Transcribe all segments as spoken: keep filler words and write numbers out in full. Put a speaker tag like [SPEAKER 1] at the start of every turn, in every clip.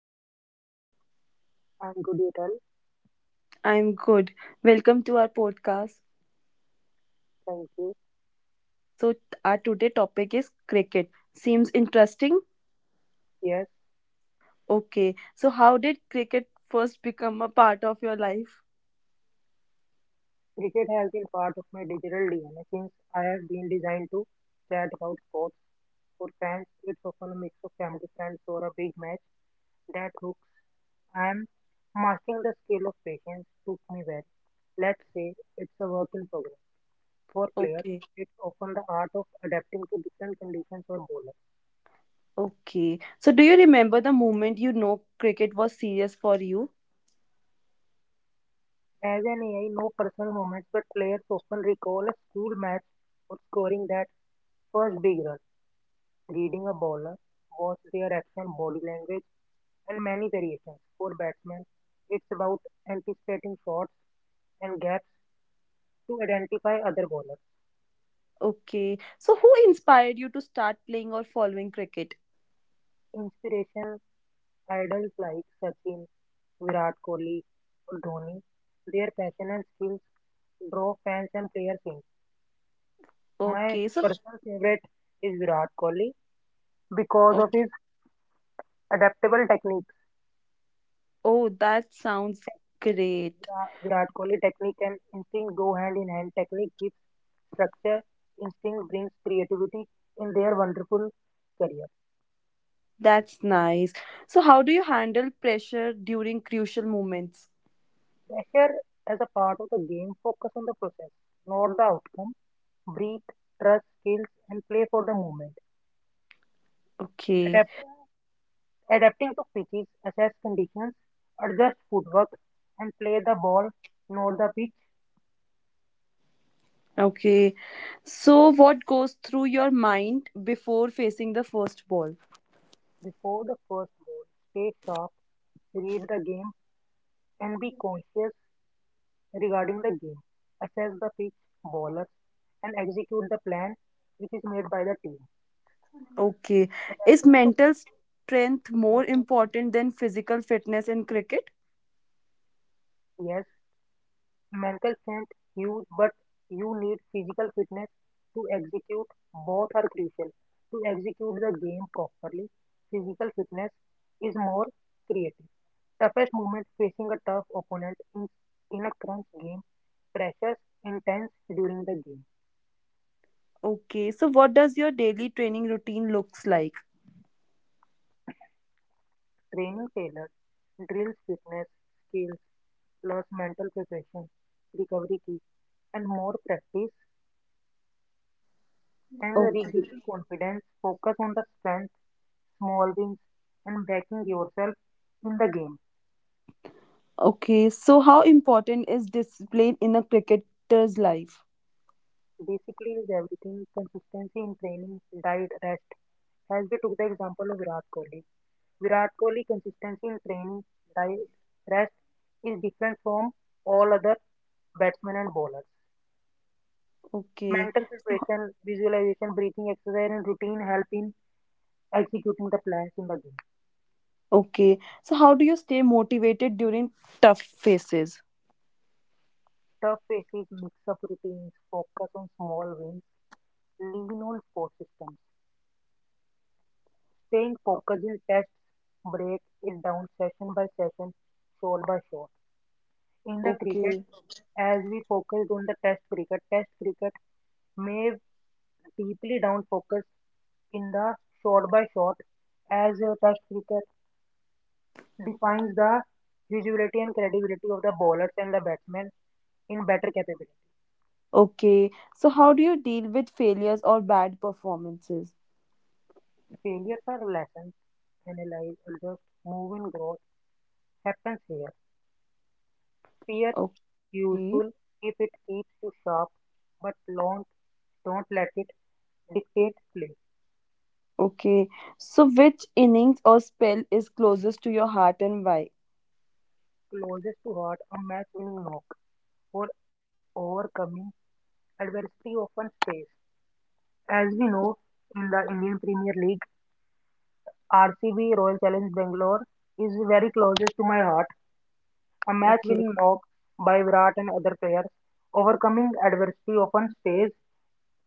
[SPEAKER 1] how's you?
[SPEAKER 2] I'm good, Utal.
[SPEAKER 1] I'm good. Welcome to our podcast.
[SPEAKER 2] Thank you.
[SPEAKER 1] So our today topic is cricket. Seems interesting?
[SPEAKER 2] Yes,
[SPEAKER 1] Okay. So how did cricket first become a part of your life?
[SPEAKER 2] cricket has been part of my digital D N A since I have been designed to chat about sports. For fans, it's often a mix of family friends or a big match that hooks. I'm mastering the skill of patience took me well. Let's say it's a work in progress. For players,
[SPEAKER 1] Okay.
[SPEAKER 2] it's often the art of adapting to different conditions or bowlers.
[SPEAKER 1] Okay. So do you remember the moment you know cricket was serious for you?
[SPEAKER 2] As an A I, no personal moments, but players often recall a school match or scoring that first big run. Reading a bowler, watch their action, body language, and many variations. For batsmen, it's about anticipating shots and gaps to identify other bowlers.
[SPEAKER 1] Okay. So who inspired you to start playing or following cricket?
[SPEAKER 2] Inspiration idols like Sachin, Virat Kohli, or Dhoni, their passion and skills draw fans and players in. My
[SPEAKER 1] Okay. So
[SPEAKER 2] personal favorite is Virat Kohli because
[SPEAKER 1] oh,
[SPEAKER 2] of his adaptable technique.
[SPEAKER 1] oh that sounds great.
[SPEAKER 2] Vira- Virat Kohli technique and instinct go hand in hand. Technique gives structure, instinct brings creativity in their wonderful career.
[SPEAKER 1] That's nice. So, how do you handle pressure during crucial moments?
[SPEAKER 2] Pressure as a part of the game, focus on the process, not the outcome. Breathe, trust skills, and play for the moment.
[SPEAKER 1] Okay,
[SPEAKER 2] Adapt, adapting to pitches, assess conditions, adjust footwork, and play the ball, not the pitch,
[SPEAKER 1] okay. So, what goes through your mind before facing the first ball?
[SPEAKER 2] before the first goal. Stay sharp, read the game, and be conscious regarding the game, assess the pitch, bowlers, and execute the plan which is made by the team.
[SPEAKER 1] Okay. Is
[SPEAKER 2] Adapting to
[SPEAKER 1] mental strength more
[SPEAKER 2] adapting
[SPEAKER 1] important than physical fitness in cricket?
[SPEAKER 2] yes, mental strength huge, but you need physical fitness to execute. Both are crucial. To execute the game properly, physical fitness is more creative. Toughest moment facing a tough opponent in, in a crunch game. Pressures intense during the game.
[SPEAKER 1] Okay. So, what does your daily training routine looks like?
[SPEAKER 2] Training tailors drills fitness skills plus mental preparation, recovery key, and more practice and regaining
[SPEAKER 1] Okay.
[SPEAKER 2] confidence. Focus on the strength, small wins, and backing yourself in the game.
[SPEAKER 1] Okay. So, how important is discipline in a cricketer's life?
[SPEAKER 2] Basically, is everything consistency in training, diet, rest. As we took the example of Virat Kohli, Virat Kohli consistency in training, diet, rest is different from all other batsmen and bowlers.
[SPEAKER 1] Okay.
[SPEAKER 2] Mental preparation, visualization, breathing exercise, and routine help in executing the plans in the game.
[SPEAKER 1] Okay. So how do you stay motivated during tough phases?
[SPEAKER 2] Tough, faces mix up routines, focus on small wins, lean on support systems. Staying focused in tests, break it down session by session, shot by shot. In the cricket,
[SPEAKER 1] Okay.
[SPEAKER 2] as we focused on the test cricket, test cricket may deeply down focus in the shot by shot as a test cricket defines the usability and credibility of the bowlers and the batsmen in better capability.
[SPEAKER 1] Okay. So how do you deal with failures or bad performances?
[SPEAKER 2] Failures are lessons, analyze, adjust, move in growth happens here. Fears
[SPEAKER 1] Okay.
[SPEAKER 2] useful if it keeps you sharp, but don't don't let it dictate play.
[SPEAKER 1] Okay. So which innings or spell is closest to your heart and why?
[SPEAKER 2] Closest to heart, a match winning knock for overcoming adversity often stays. As we know, in the Indian Premier League, R C B Royal Challenge Bangalore is very closest to my heart. A match
[SPEAKER 1] Okay.
[SPEAKER 2] winning knock by Virat and other players overcoming adversity often stays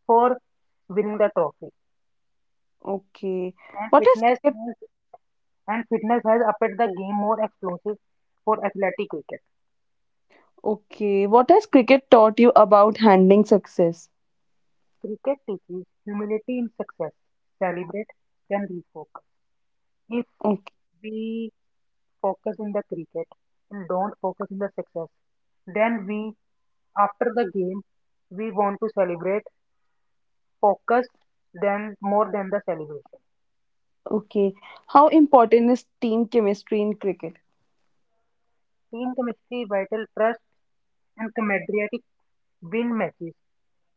[SPEAKER 2] for winning the trophy.
[SPEAKER 1] Okay.
[SPEAKER 2] And
[SPEAKER 1] What has
[SPEAKER 2] fitness
[SPEAKER 1] cricket
[SPEAKER 2] has, and fitness has upped the game more explosive for athletic cricket.
[SPEAKER 1] okay. What has cricket taught you about handling success?
[SPEAKER 2] Cricket teaches humility in success, celebrate, then refocus. If
[SPEAKER 1] Okay.
[SPEAKER 2] we focus in the cricket and don't focus in the success, then we, after the game, we want to celebrate, focus, then more than the celebration.
[SPEAKER 1] Okay. How important is team chemistry in cricket?
[SPEAKER 2] Team chemistry, vital trust, and camaraderie win matches.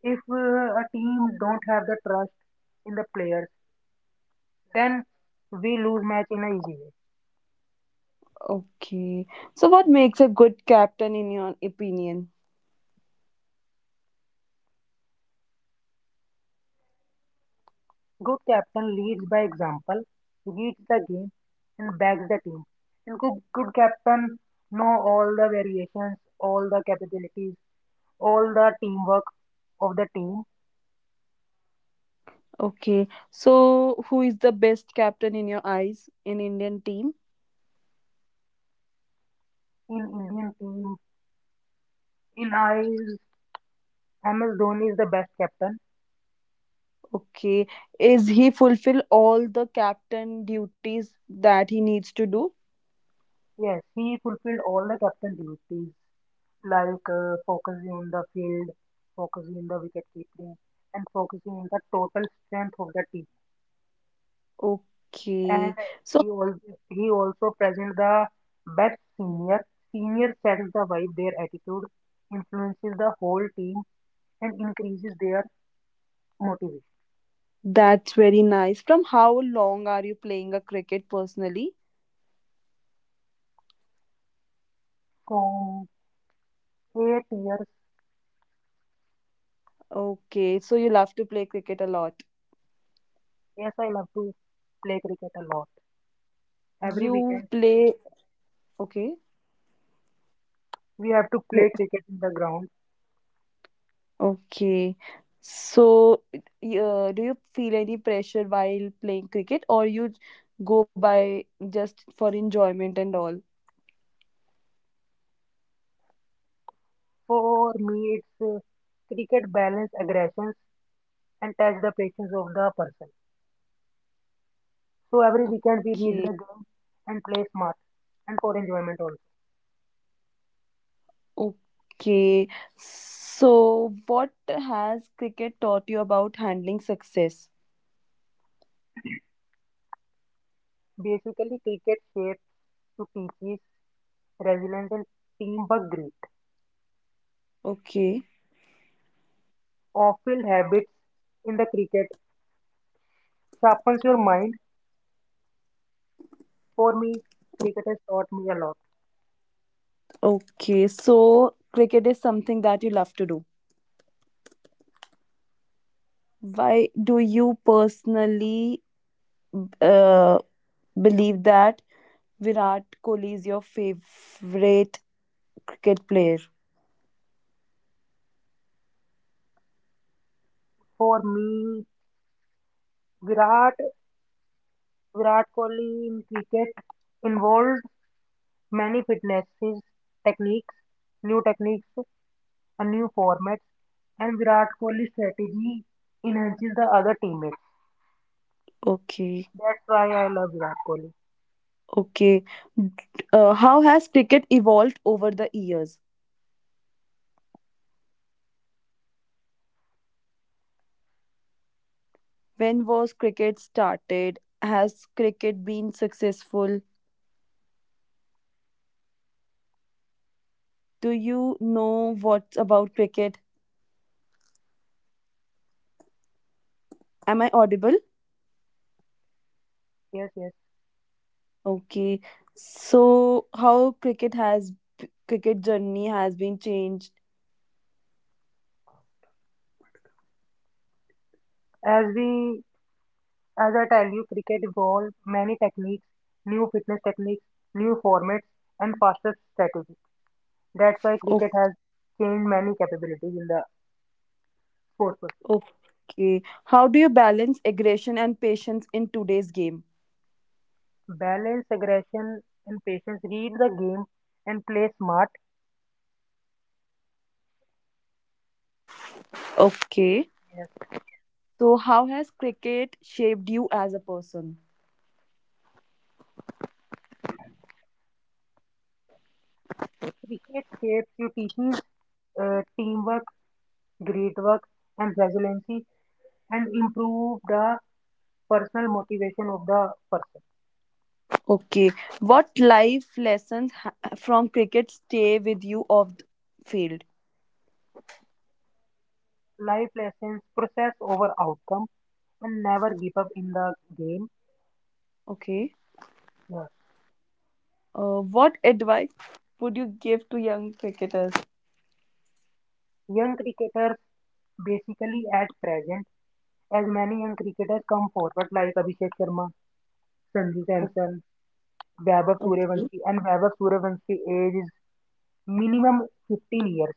[SPEAKER 2] If uh, a team don't have the trust in the players, then we lose match in an easy way.
[SPEAKER 1] Okay. So what makes a good captain in your opinion?
[SPEAKER 2] Good captain leads by example, reads the game, and backs the team. And good, good captain know all the variations, all the capabilities, all the teamwork of the team.
[SPEAKER 1] Okay. So, who is the best captain in your eyes in Indian team?
[SPEAKER 2] In Indian team, in eyes, M S Dhoni is the best captain.
[SPEAKER 1] Okay. Is he fulfill all the captain duties that he needs to do?
[SPEAKER 2] Yes, he fulfilled all the captain duties. Like uh, focusing on the field, focusing on the wicket keeping, and focusing on the total strength of the team. And
[SPEAKER 1] Okay.
[SPEAKER 2] he
[SPEAKER 1] So,
[SPEAKER 2] also he also present the best senior. Senior sets the vibe, their attitude influences the whole team and increases their motivation.
[SPEAKER 1] that's very nice. From how long are you playing a cricket personally?
[SPEAKER 2] From eight years,
[SPEAKER 1] Okay. So, you love to play cricket a lot.
[SPEAKER 2] yes, I love to play cricket a lot. Every
[SPEAKER 1] You
[SPEAKER 2] weekend
[SPEAKER 1] play, okay.
[SPEAKER 2] we have to play cricket in the ground.
[SPEAKER 1] Okay. So, y- uh, do you feel any pressure while playing cricket, or you j- go by just for enjoyment and all?
[SPEAKER 2] For me, it's uh, cricket balance aggressions and test the patience of the person. So every weekend we
[SPEAKER 1] Okay.
[SPEAKER 2] meet the game and play smart and for enjoyment also.
[SPEAKER 1] Okay. So, what has cricket taught you about handling success?
[SPEAKER 2] Basically, cricket shapes to teaches resilience and teamwork grit.
[SPEAKER 1] Okay.
[SPEAKER 2] Awful habits in the cricket sharpens your mind. For me, cricket has taught me a lot.
[SPEAKER 1] Okay. So, cricket is something that you love to do. Why do you personally uh, believe that Virat Kohli is your favorite cricket player?
[SPEAKER 2] For me, Virat Virat Kohli in cricket involved many fitnesses techniques, new techniques and new formats. And Virat Kohli's strategy enhances the other teammates.
[SPEAKER 1] Okay,
[SPEAKER 2] That's why I love Virat Kohli.
[SPEAKER 1] okay. Uh, how has cricket evolved over the years? When was cricket started? Has cricket been successful? Do you know what's about cricket? Am I audible?
[SPEAKER 2] Yes, yes.
[SPEAKER 1] Okay. So how cricket has cricket journey has been changed?
[SPEAKER 2] As we, as I tell you, cricket evolved many techniques, new fitness techniques, new formats, and faster strategies. That's why cricket
[SPEAKER 1] O-
[SPEAKER 2] has changed many capabilities in the sports. Person.
[SPEAKER 1] Okay. How do you balance aggression and patience in today's game?
[SPEAKER 2] Balance, aggression, and patience. Read the game and play smart.
[SPEAKER 1] Okay.
[SPEAKER 2] Yes.
[SPEAKER 1] So how has cricket shaped you as a person?
[SPEAKER 2] Cricket shapes you teaches uh, teamwork, great work, and resiliency. And improve the personal motivation of the person.
[SPEAKER 1] Okay. What life lessons ha- from cricket stay with you off the field?
[SPEAKER 2] Life lessons, process over outcome, and never give up in the game.
[SPEAKER 1] Okay.
[SPEAKER 2] Yes.
[SPEAKER 1] Uh, what advice would you give to young cricketers?
[SPEAKER 2] Young cricketers, basically at present, as many young cricketers come forward like Abhishek Sharma, Sanju
[SPEAKER 1] O-
[SPEAKER 2] Samson, Vaibhav
[SPEAKER 1] Okay.
[SPEAKER 2] Suryavanshi, and Vaibhav Suryavanshi age is minimum fifteen years.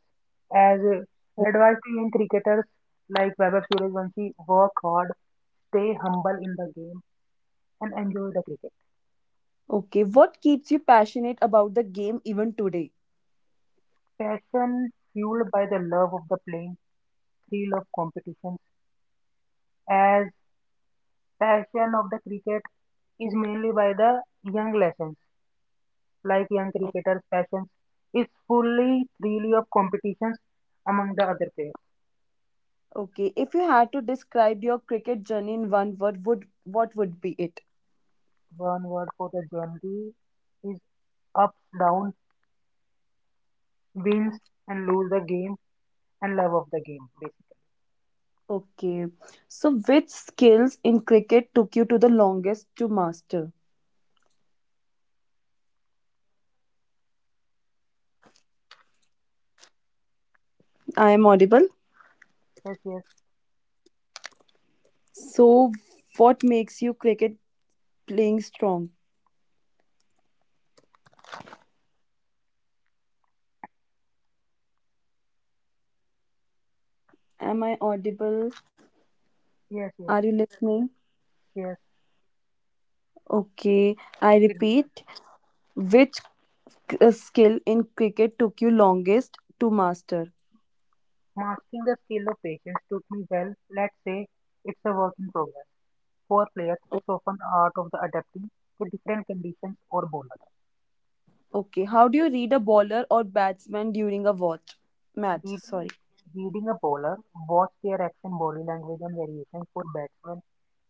[SPEAKER 2] As uh, advice to young cricketers like Vaibhav Suryavanshi, work hard, stay humble in the game, and enjoy the cricket.
[SPEAKER 1] Okay. What keeps you passionate about the game even today?
[SPEAKER 2] Passion fueled by the love of the playing, thrill of competition, as passion of the cricket is mainly by the young lessons, like young
[SPEAKER 1] O-
[SPEAKER 2] cricketers' passions is fully thrill of competitions among the other players.
[SPEAKER 1] Okay. If you had to describe your cricket journey in one word, would what would be it?
[SPEAKER 2] One word for the journey is ups, down, wins and lose the game and love of the game basically.
[SPEAKER 1] Okay. So, which skills in cricket took you to the longest to master? I am audible.
[SPEAKER 2] Yes, yes,
[SPEAKER 1] So, what makes you cricket playing strong. Am I audible?
[SPEAKER 2] yes, yes,
[SPEAKER 1] Are you listening?
[SPEAKER 2] yes.
[SPEAKER 1] Okay, I
[SPEAKER 2] It,
[SPEAKER 1] repeat. Which k- uh, skill in cricket took you longest to master?
[SPEAKER 2] mastering the skill of patience took me well. Let's say it's a work in progress. For players,
[SPEAKER 1] O-
[SPEAKER 2] it's often the art of the adapting to different conditions or bowlers.
[SPEAKER 1] Okay, how do you read a bowler or batsman during a watch match?
[SPEAKER 2] Read,
[SPEAKER 1] Sorry.
[SPEAKER 2] reading a bowler, watch their action, body language, and variations for batsmen.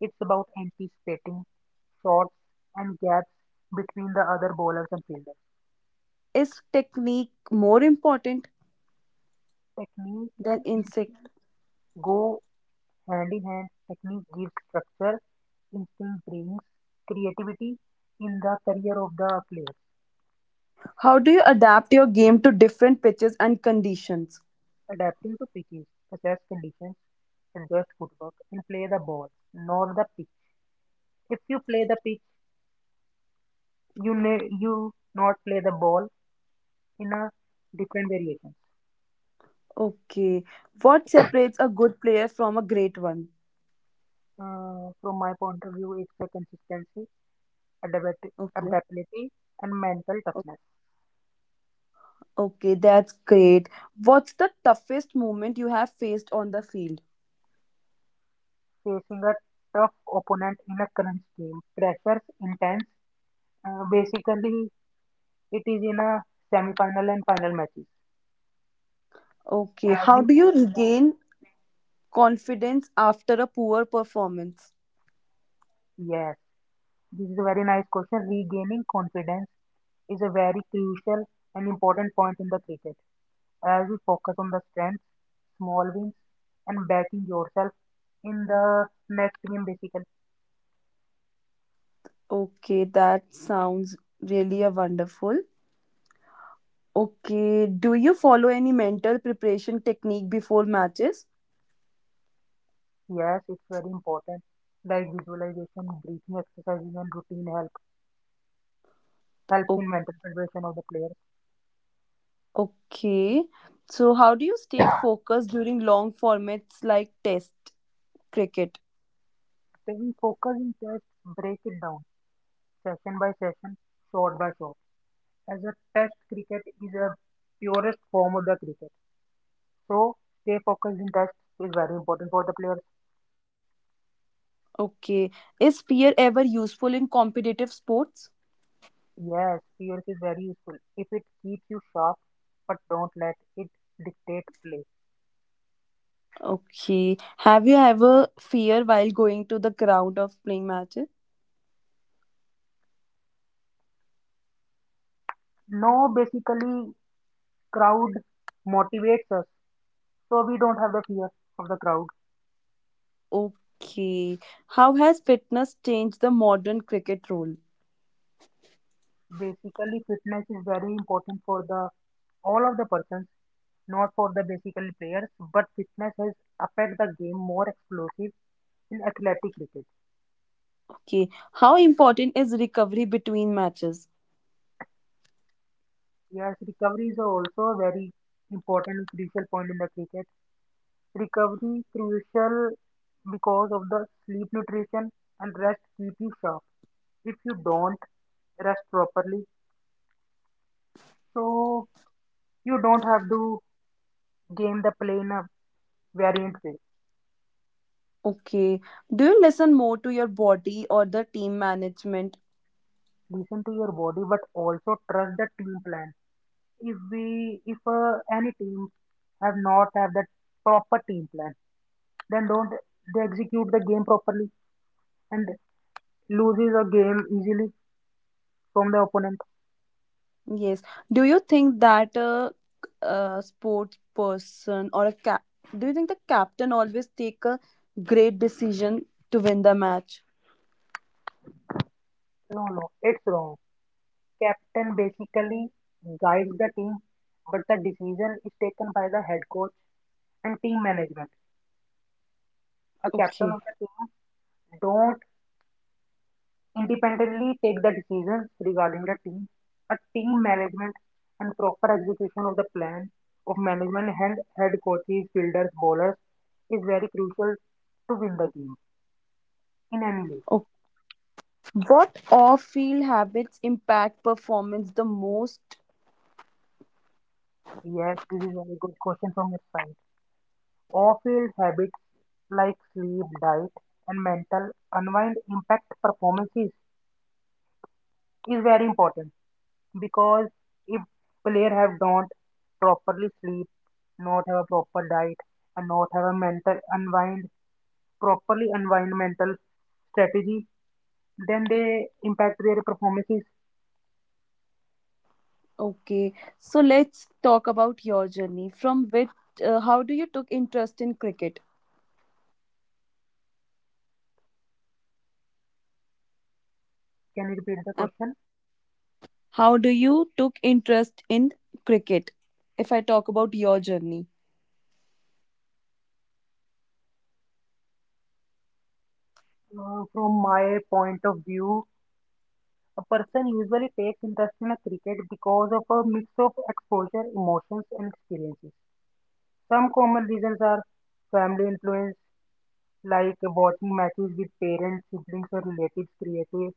[SPEAKER 2] It's about anticipating shots and gaps between the other bowlers and fielders.
[SPEAKER 1] Is technique more important
[SPEAKER 2] Technique
[SPEAKER 1] than
[SPEAKER 2] and in-
[SPEAKER 1] insect?
[SPEAKER 2] Go hand in hand. Technique gives structure, instinct brings creativity in the career of the player.
[SPEAKER 1] How do you adapt your game to different pitches and conditions?
[SPEAKER 2] Adapting to pitches, assess conditions, adjust footwork, and play the ball, not the pitch. If you play the pitch, you ne- you not play the ball in a different variations.
[SPEAKER 1] Okay. What separates a good player from a great one?
[SPEAKER 2] Uh, from my point of view, it's a consistency, adapt-
[SPEAKER 1] Okay.
[SPEAKER 2] adaptability, and mental toughness.
[SPEAKER 1] Okay, that's great. What's the toughest moment you have faced on the field?
[SPEAKER 2] Facing a tough opponent in a crunch game, pressures intense. Uh, basically, it is in a semi-final and final matches.
[SPEAKER 1] Okay,
[SPEAKER 2] As
[SPEAKER 1] how
[SPEAKER 2] we
[SPEAKER 1] do you
[SPEAKER 2] watch the
[SPEAKER 1] regain confidence after a poor performance?
[SPEAKER 2] yes, this is a very nice question. Regaining confidence is a very crucial and important point in the cricket as we focus on the strengths, small wins, and backing yourself in the next game. Basically,
[SPEAKER 1] Okay, that sounds really a wonderful. Okay, do you follow any mental preparation technique before matches?
[SPEAKER 2] yes, it's very important. Like visualization, breathing exercises, and routine help helps
[SPEAKER 1] O-
[SPEAKER 2] in mental preparation of the player.
[SPEAKER 1] okay, so how do you stay focused during long formats like test cricket?
[SPEAKER 2] So we focus in test, break it down session by session, shot by shot. As a test cricket is a purest form of the cricket. So stay focused in touch is very important for the players.
[SPEAKER 1] Okay, is fear ever useful in competitive sports?
[SPEAKER 2] Yes, fears is very useful if it keeps you sharp, but don't let it dictate play.
[SPEAKER 1] Okay. Have you ever fear while going to the ground of playing matches?
[SPEAKER 2] No, basically, crowd motivates us, so we don't have the fear of the crowd.
[SPEAKER 1] Okay. How has fitness changed the modern cricket role?
[SPEAKER 2] Basically, fitness is very important for the all of the persons, not for the basically players. But fitness has affect the game more explosive in athletic cricket.
[SPEAKER 1] Okay. How important is recovery between matches?
[SPEAKER 2] Yes, recoveries are also a very important and crucial point in the cricket. Recovery crucial because of the sleep nutrition and rest keep you sharp. If you don't rest properly, so you don't have to game the play in a variant way.
[SPEAKER 1] Okay. Do you listen more to your body or the team management?
[SPEAKER 2] Listen to your body, but also trust the team plan. If we, if uh, any team have not have that proper team plan, then don't they execute the game properly and loses a game easily from the opponent.
[SPEAKER 1] Yes. Do you think that a, a sports person or a cap? Do you think the captain always take a great decision to win the match?
[SPEAKER 2] No, no, it's wrong. Captain basically guides the team, but the decision is taken by the head coach and team management. A captain
[SPEAKER 1] Okay.
[SPEAKER 2] of the team don't independently take the decisions regarding the team. A team management and proper execution of the plan of management and head coaches, fielders, bowlers is very crucial to win the game in any league.
[SPEAKER 1] What off-field habits impact performance the most?
[SPEAKER 2] Yes, this is a very good question from your side. Off-field habits like sleep, diet, and mental unwind impact performances is very important because if player have don't properly sleep, not have a proper diet, and not have a mental unwind properly unwind mental strategy, then they impact their performances.
[SPEAKER 1] Okay, so let's talk about your journey. From which, uh, how do you took interest in cricket?
[SPEAKER 2] Can you repeat the
[SPEAKER 1] Um,
[SPEAKER 2] question?
[SPEAKER 1] How do you took interest in cricket? If I talk about your journey.
[SPEAKER 2] Uh, from my point of view, a person usually takes interest in a cricket because of a mix of exposure, emotions, and experiences. Some common reasons are family influence, like watching matches with parents, siblings, or relatives, creative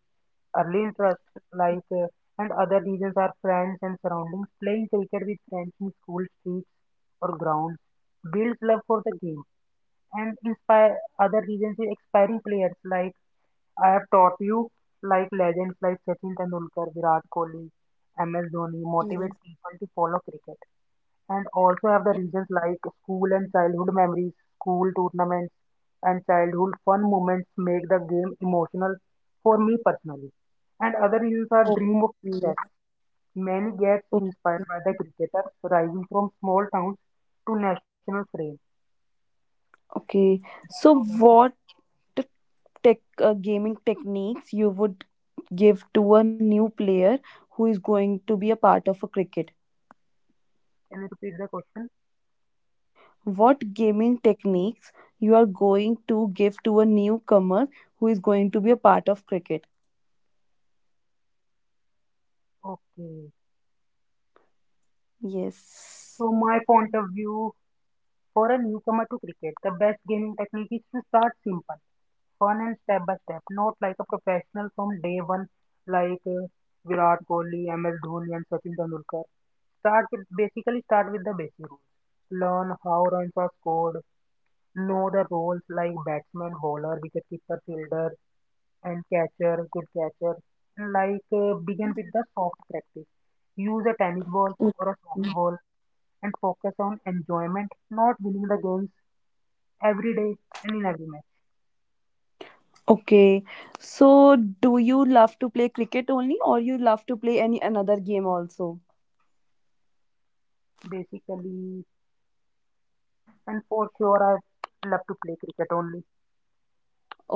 [SPEAKER 2] early interest, like uh, and other reasons are friends and surroundings. Playing cricket with friends in school streets or grounds builds love for the game, and inspire other reasons is expiring players like I have taught you, like legends like Sachin Tendulkar, Virat Kohli, M S Dhoni, motivate
[SPEAKER 1] Yes.
[SPEAKER 2] people to follow cricket and also have the reasons like school and childhood memories, school tournaments, and childhood fun moments make the game emotional for me personally. And other reasons are dream of success.
[SPEAKER 1] Okay.
[SPEAKER 2] Many gets
[SPEAKER 1] Okay.
[SPEAKER 2] inspired by the cricketers rising from small towns to national fame.
[SPEAKER 1] Okay. So
[SPEAKER 2] So,
[SPEAKER 1] what tech uh, gaming techniques you would give to a new player who is going to be a part of a cricket?
[SPEAKER 2] can you repeat the question?
[SPEAKER 1] What gaming techniques you are going to give to a newcomer who is going to be a part of cricket?
[SPEAKER 2] Okay.
[SPEAKER 1] Yes.
[SPEAKER 2] So my point of view, for a newcomer to cricket, the best gaming technique is to start simple fun and step by step, not like a professional from day one, like uh, Virat Kohli, M S Dhoni, and Sachin Tendulkar. Start with basically start with the basic rules. Learn how runs are scored, know the roles like batsman, bowler, wicketkeeper, fielder, and catcher, good catcher. Like uh, begin with the soft practice. Use a tennis ball or a soft
[SPEAKER 1] Mm.
[SPEAKER 2] ball and focus on enjoyment, not winning the games every day and in every match.
[SPEAKER 1] Okay, so do you love to play cricket only or you love to play any another game also?
[SPEAKER 2] Basically, and for sure, I love to play cricket only.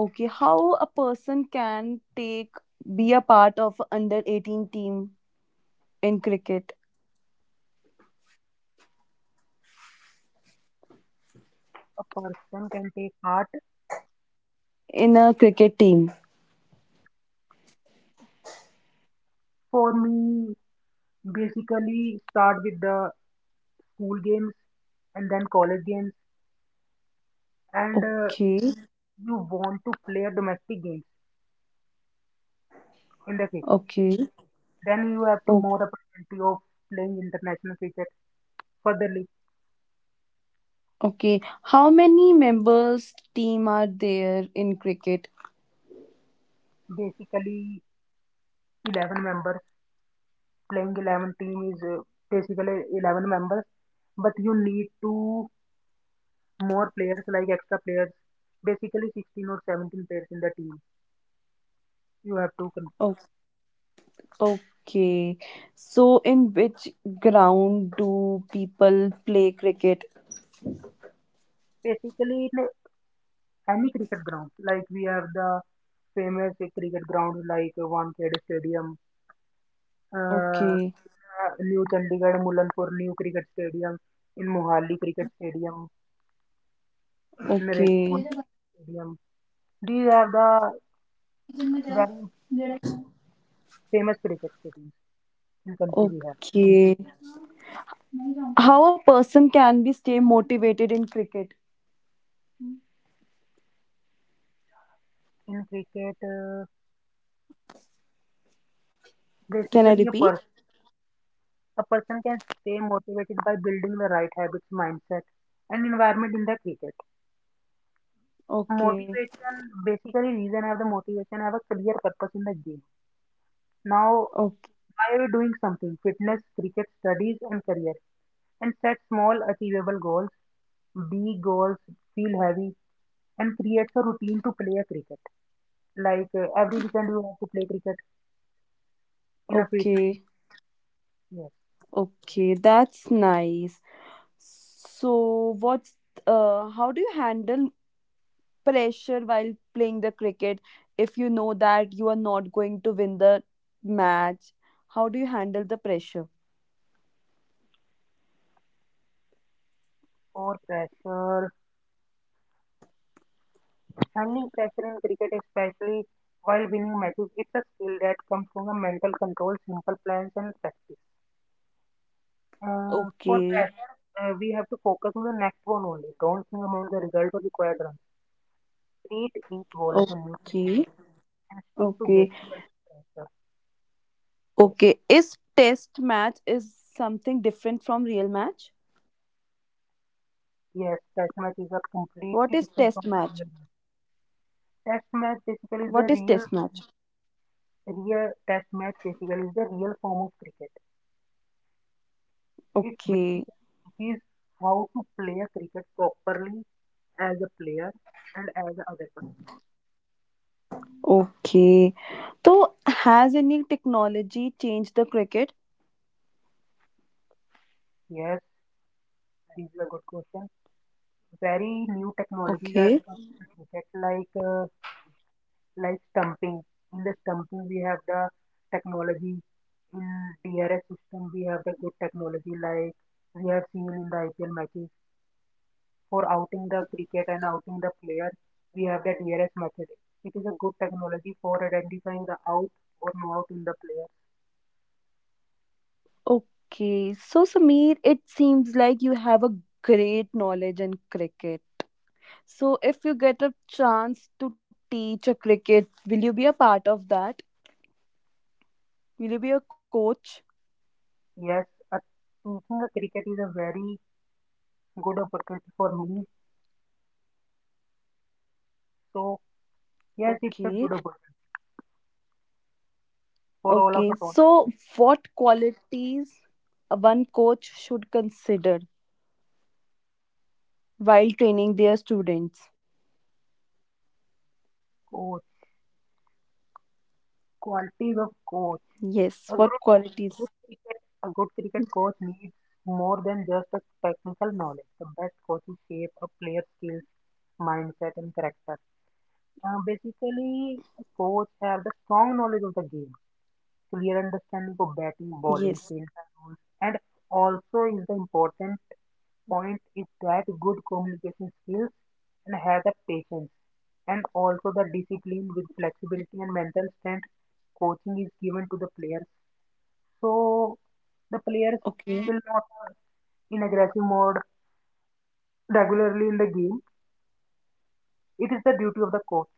[SPEAKER 1] Okay, how a person can take be a part of under eighteen team in cricket
[SPEAKER 2] A person can take art.
[SPEAKER 1] in a cricket team?
[SPEAKER 2] For me, basically, start with the school games and then college games. And uh,
[SPEAKER 1] Okay.
[SPEAKER 2] You want to play domestic games in the cricket.
[SPEAKER 1] Okay.
[SPEAKER 2] Then you have to
[SPEAKER 1] o-
[SPEAKER 2] more opportunity of playing international cricket. Furtherly,
[SPEAKER 1] okay, how many members team are there in cricket?
[SPEAKER 2] basically, eleven members. Playing eleven team is uh, basically eleven members. But you need to more players, like extra players, basically sixteen or seventeen players in the team you have to con-
[SPEAKER 1] O- Okay. So, in which ground do people play cricket?
[SPEAKER 2] basically in any cricket ground, like we have the famous cricket grounds like Wankhede Stadium, uh,
[SPEAKER 1] Okay.
[SPEAKER 2] uh, new Chandigarh Mullanpur new cricket stadium, in Mohali cricket stadium, in
[SPEAKER 1] Okay.
[SPEAKER 2] Rainbow stadium. These are the very famous cricket stadiums in country we have.
[SPEAKER 1] Okay. How a person can be stay motivated in cricket?
[SPEAKER 2] In cricket, uh,
[SPEAKER 1] Can
[SPEAKER 2] basically
[SPEAKER 1] I
[SPEAKER 2] a person
[SPEAKER 1] repeat?
[SPEAKER 2] a person can stay motivated by building the right habits, mindset, and environment in the cricket.
[SPEAKER 1] Okay.
[SPEAKER 2] Motivation, basically, reason have the motivation, have a clear purpose in the game. Now,
[SPEAKER 1] Okay.
[SPEAKER 2] why are you doing something? Fitness, cricket, studies, and career. And set small, achievable goals. Big goals feel heavy and creates a routine to play a cricket. Like uh, every weekend you have to play cricket in a free
[SPEAKER 1] Okay.
[SPEAKER 2] time. Yes.
[SPEAKER 1] Okay. That's nice. So, what's uh, how do you handle pressure while playing the cricket if you know that you are not going to win the match? How do you handle the pressure?
[SPEAKER 2] Or pressure. Handling pressure in cricket, especially while winning matches, it's a skill that comes from a mental control, simple plans, and practice. Uh, for
[SPEAKER 1] Okay,
[SPEAKER 2] pressure, uh, we have to focus on the next one only. Don't think about the result or required runs. Treat each ball as a new challenge
[SPEAKER 1] okay,
[SPEAKER 2] and stick to basic
[SPEAKER 1] okay,
[SPEAKER 2] pressure. Yes,
[SPEAKER 1] okay. Is test match is something different from real match?
[SPEAKER 2] yes, test matches
[SPEAKER 1] What
[SPEAKER 2] are
[SPEAKER 1] is test
[SPEAKER 2] completely
[SPEAKER 1] match?
[SPEAKER 2] different from the real match. Test match
[SPEAKER 1] What is
[SPEAKER 2] basically is
[SPEAKER 1] test
[SPEAKER 2] the
[SPEAKER 1] match?
[SPEAKER 2] real, real test match basically is the real form of cricket. It's basically
[SPEAKER 1] Okay,
[SPEAKER 2] It is how to play a cricket properly as a player and as a other person.
[SPEAKER 1] okay. So has any technology changed the cricket?
[SPEAKER 2] Yes, these are good questions. Very new technologies
[SPEAKER 1] Okay.
[SPEAKER 2] are coming to cricket, like uh, like stumping. In the stumping, we have the technology. In D R S system, we have the good technology, like we have seen in the I P L matches. For outing the cricket and outing the player, we have the D R S method. It is a good technology for identifying the out or no out in the player.
[SPEAKER 1] Okay, so Sameer, it seems like you have a great knowledge in cricket. So, if you get a chance to teach a cricket, will you be a part of that? Will you be a coach?
[SPEAKER 2] Yes, uh, teaching a cricket is a very good opportunity for me. So, yes, it's a good
[SPEAKER 1] Okay,
[SPEAKER 2] opportunity for all of
[SPEAKER 1] okay.
[SPEAKER 2] us. All.
[SPEAKER 1] So, what qualities a one coach should consider while training their students?
[SPEAKER 2] Coach, qualities of coach.
[SPEAKER 1] Yes,
[SPEAKER 2] A
[SPEAKER 1] what
[SPEAKER 2] good,
[SPEAKER 1] qualities?
[SPEAKER 2] good cricket, a good cricket coach needs more than just a technical knowledge. The best coaches shape a player's skills, mindset, and character. Uh, basically, a coach have the strong knowledge of the game, clear understanding of batting, bowling, field
[SPEAKER 1] Yes,
[SPEAKER 2] rules, and also is the important point is that good communication skills and have the patience and also the discipline with flexibility and mental strength. Coaching is given to the players so the players will not
[SPEAKER 1] okay.
[SPEAKER 2] are in aggressive mode regularly in the game. It is the duty of the coach.